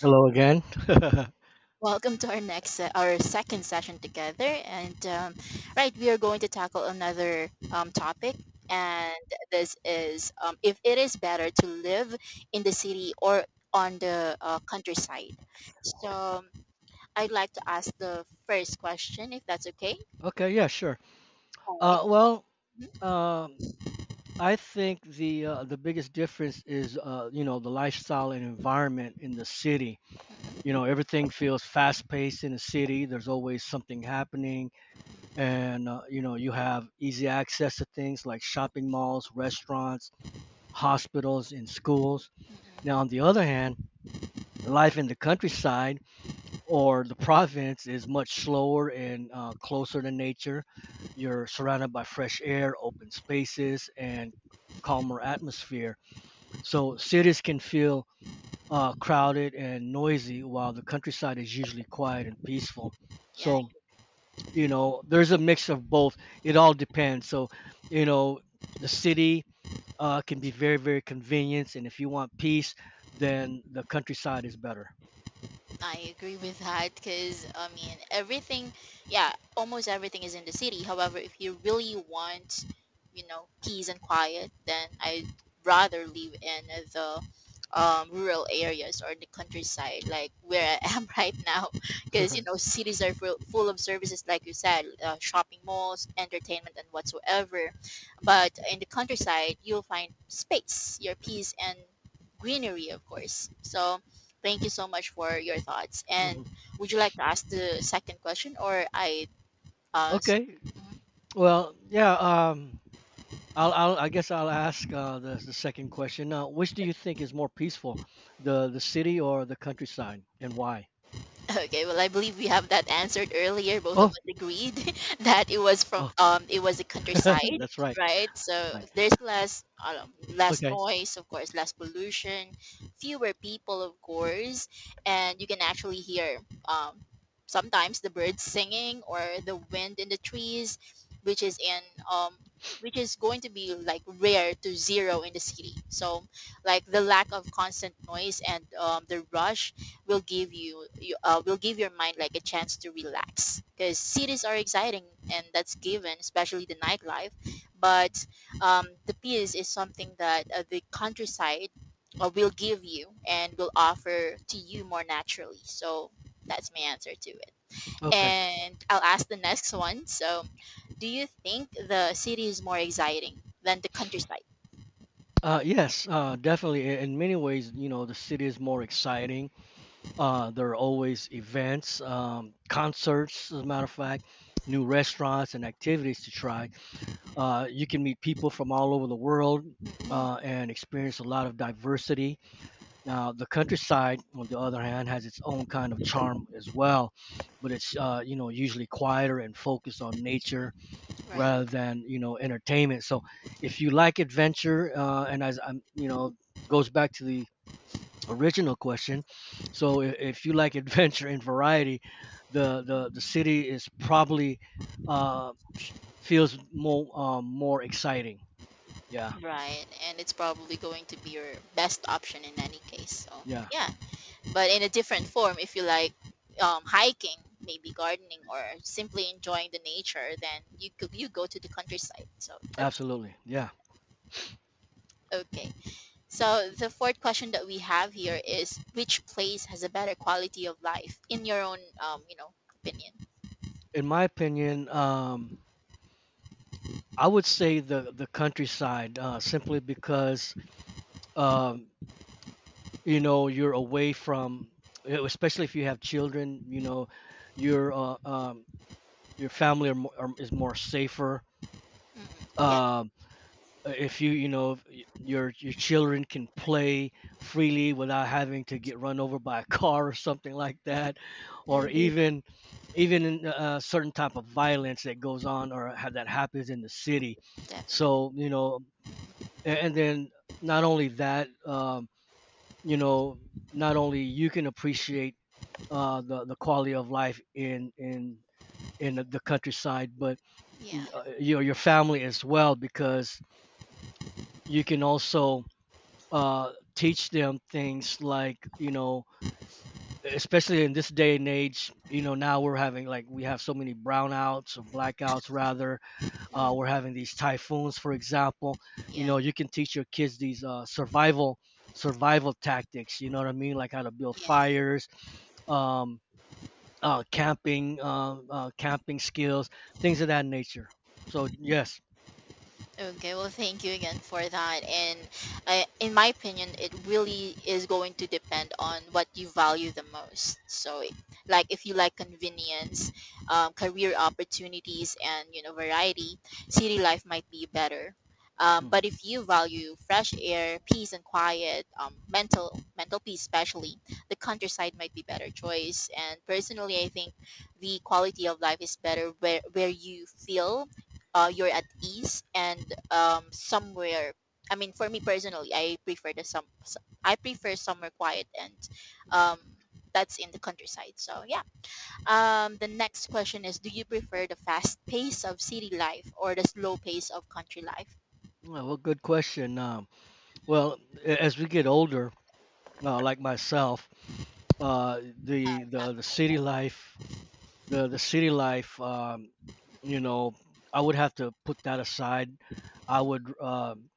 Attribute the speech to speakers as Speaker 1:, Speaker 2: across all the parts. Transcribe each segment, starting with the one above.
Speaker 1: Hello again.
Speaker 2: Welcome to our second session together. And right, we are going to tackle another topic. And this is if it is better to live in the city or on the countryside. So um, I'd like to ask the first question, if that's okay.
Speaker 1: Okay, yeah, sure.
Speaker 2: All
Speaker 1: Uh, well,
Speaker 2: right.
Speaker 1: um, I think the biggest difference is you know, the lifestyle and environment in the city. You know, everything feels fast paced in the city. There's always something happening, and you know, you have easy access to things like shopping malls, restaurants, hospitals, and schools.
Speaker 2: Mhm.
Speaker 1: Now,
Speaker 2: Mhm.
Speaker 1: on the other hand, life in the countryside or the province is much slower and closer to nature. You're surrounded by fresh air, open spaces, and calmer atmosphere. So cities can feel crowded and noisy, while the countryside is usually quiet and peaceful.
Speaker 2: Yeah,
Speaker 1: So you know, there's a mix of both. It all depends. So you know, the city can be very, very convenient, and if you want peace, then the countryside is better.
Speaker 2: I agree with that, because I mean everything, yeah, almost everything is in the city. However, if you really want, peace and quiet, then I'd rather live in the rural areas or the countryside, like where I am right now,
Speaker 1: Right,
Speaker 2: because
Speaker 1: right.
Speaker 2: cities are full of services, like you said, shopping malls, entertainment, and whatsoever. But in the countryside, you'll find space, your peace, and greenery, of course. So, thank you so much for your thoughts. And
Speaker 1: Mhm.
Speaker 2: would you like to ask the second question, or I? Uh, s-
Speaker 1: Okay. Well, yeah. I guess I'll ask the second question. Now, which do you think is more peaceful, the city or the countryside, and why?
Speaker 2: Okay, well, I believe we have that answered earlier. Both of us
Speaker 1: Oh,
Speaker 2: agreed that it was, from
Speaker 1: oh,
Speaker 2: it was the countryside,
Speaker 1: that's right.
Speaker 2: right? So
Speaker 1: Right.
Speaker 2: there's less
Speaker 1: Okay.
Speaker 2: noise, of course, less pollution, fewer people, of course, and you can actually hear um sometimes the birds singing or the wind in the trees, which is in um which is going to be like rare to zero in the city. So like the lack of constant noise and the rush will give your mind like a chance to relax, because cities are exciting and that's given, especially the nightlife, but the peace is something that the countryside will give you and will offer to you more naturally. So that's my answer to it,
Speaker 1: Okay.
Speaker 2: and I'll ask the next one. So, do you think the city is more exciting than the countryside?
Speaker 1: Yes, definitely. In many ways, you know, the city is more exciting. There are always events, concerts, as a matter of fact, new restaurants and activities to try. You can meet people from all over the world
Speaker 2: Mhm.
Speaker 1: and experience a lot of diversity. Now, the countryside, on the other hand, has its own kind of charm as well, but it's you know, usually quieter and focused on nature
Speaker 2: Right.
Speaker 1: rather than you know, entertainment. So, if you like adventure, and as I'm you know goes back to the original question, so if you like adventure and variety, the city is probably uh, feels more exciting. Yeah,
Speaker 2: Right, and it's probably going to be your best option in any case. So
Speaker 1: yeah,
Speaker 2: yeah, but in a different form, if you like hiking, maybe gardening, or simply enjoying the nature, then you go to the countryside. So that's
Speaker 1: absolutely, yeah.
Speaker 2: okay. So the fourth question that we have here is, which place has a better quality of life in your own opinion?
Speaker 1: In my opinion, I would say the countryside, simply because um, you know, you're away from, especially if you have children. You know, your uh, um, your family is more safer.
Speaker 2: Mm, yeah.
Speaker 1: Um, if you you know, if y- your children can play freely without having to get run over by a car or something like that, or
Speaker 2: Mm,
Speaker 1: Yeah, even even in certain type of violence that goes on that happens in the city.
Speaker 2: definitely.
Speaker 1: So you know, and then not only that you know, not only you can appreciate the quality of life in the countryside, but
Speaker 2: Yeah.
Speaker 1: your family as well, because you can also teach them things like you know, especially in this day and age you know, now we're having like we have so many brownouts or blackouts rather.
Speaker 2: Mm,
Speaker 1: We're having these typhoons, for example. You
Speaker 2: yeah,
Speaker 1: know, you can teach your kids these survival tactics. You know what I mean, like how to build
Speaker 2: yes.
Speaker 1: fires, um, camping, camping skills, things of that nature. So yes,
Speaker 2: Okay, well, thank you again for that. And in my opinion, it really is going to depend on what you value the most. So, like if you like convenience, career opportunities, and variety, city life might be better. But
Speaker 1: mhm.
Speaker 2: if you value fresh air, peace and quiet, mental peace especially, the countryside might be better choice. And personally, I think the quality of life is better, where you feel you're at ease and somewhere. I mean, for me personally, I prefer the I prefer somewhere quiet, and um, that's in the countryside. So yeah. The next question is: Do you prefer the fast pace of city life or the slow pace of country life?
Speaker 1: Well, good question. Well, as we get older, like myself, uh, the
Speaker 2: Not
Speaker 1: the the city
Speaker 2: both.
Speaker 1: life, the city life, you know, I would have to put that aside. I would. um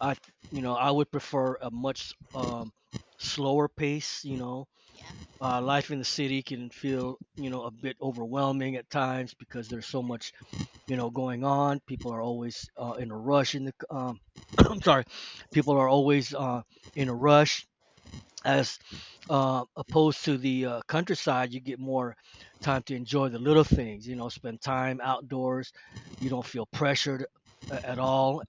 Speaker 1: I, th- You know, I would prefer a much slower pace. You know,
Speaker 2: Yeah.
Speaker 1: life in the city can feel, you know, a bit overwhelming at times because there's so much, you know, going on. People are always in a rush. I'm sorry, people are always in a rush. As Opposed to the countryside, you get more time to enjoy the little things. You know, spend time outdoors. You don't feel pressured at all,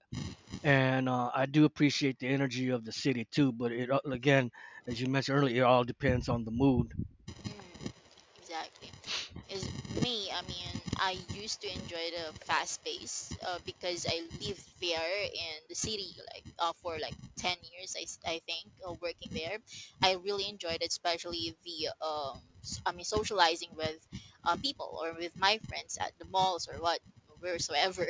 Speaker 1: and I do appreciate the energy of the city too. But it all- again, as you mentioned earlier, it all depends on the mood.
Speaker 2: Mm, exactly. Is me. I mean, I used to enjoy the fast pace because I lived there in the city, like for like 10 years, I think, working there. I really enjoyed it, especially the I mean, socializing with people or with my friends at the malls or what wheresoever.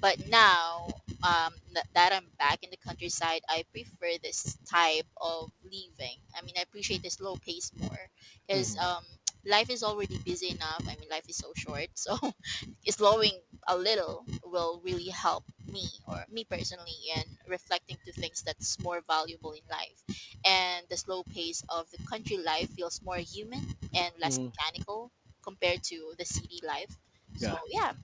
Speaker 2: But now that I'm back in the countryside, I prefer this type of living. I mean, I appreciate the slow pace more, because
Speaker 1: Hmm.
Speaker 2: life is already busy enough. I mean, life is so short, so slowing a little will really help me, or me personally, in reflecting to things that's more valuable in life. And the slow pace of the country life feels more human and less
Speaker 1: Hmm.
Speaker 2: mechanical compared to the city life. So,
Speaker 1: Yeah.
Speaker 2: yeah.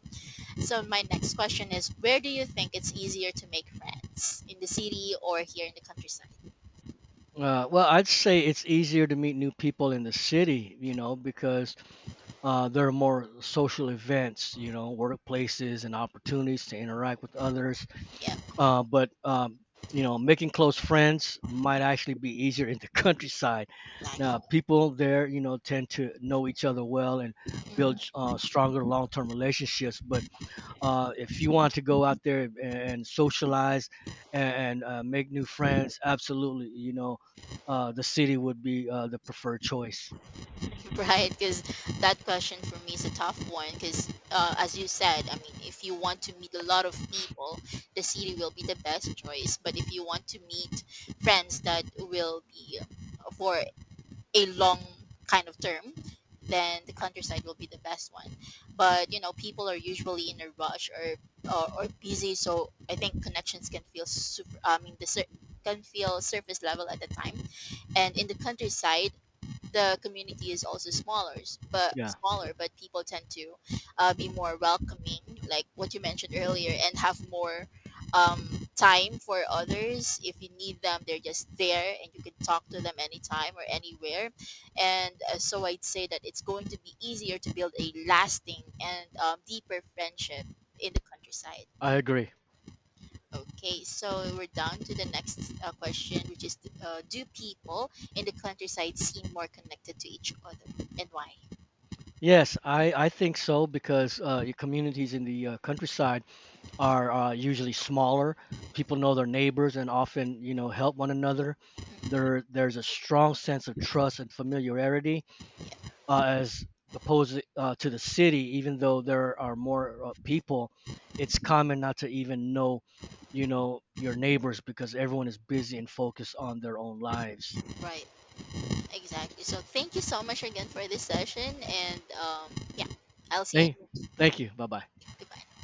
Speaker 2: So, my next question is: Where do you think it's easier to make friends? In the city or here in the countryside?
Speaker 1: Well, I'd say it's easier to meet new people in the city, you know, because there are more social events, you know, workplaces and opportunities to interact with others.
Speaker 2: Yeah,
Speaker 1: But You know, making close friends might actually be easier in the countryside.
Speaker 2: exactly.
Speaker 1: Now, people there you know, tend to know each other well and build stronger long-term relationships, but if you want to go out there and socialize and make new friends, absolutely you know, the city would be the preferred choice.
Speaker 2: Right, because that question for me is a tough one. Because as you said, I mean, if you want to meet a lot of people, the city will be the best choice. But if you want to meet friends that will be for a long kind of term, then the countryside will be the best one. But you know, people are usually in a rush, or busy, so I think connections can feel super. I mean, can feel surface level at the time. And in the countryside the community is also smaller, s- but
Speaker 1: Yeah,
Speaker 2: smaller, but people tend to be more welcoming, like what you mentioned earlier, and have more um, time for others. If you need them, they're just there, and you can talk to them anytime or anywhere. And so I'd say that it's going to be easier to build a lasting and deeper friendship in the countryside.
Speaker 1: I agree.
Speaker 2: Okay, so we're down to the next question, which is do people in the countryside seem more connected to each other, and why?
Speaker 1: Yes, I think so, because your communities in the countryside are usually smaller. People know their neighbors and often, you know, help one another.
Speaker 2: Mm.
Speaker 1: There's a strong sense of trust and familiarity as opposed to the city. Even though there are more people, it's common not to even know, you know, your neighbors because everyone is busy and focused on their own lives.
Speaker 2: Right, exactly. So thank you so much again for this session, and yeah, I'll see
Speaker 1: Thank,
Speaker 2: you.
Speaker 1: Thank you. Bye bye.
Speaker 2: Goodbye.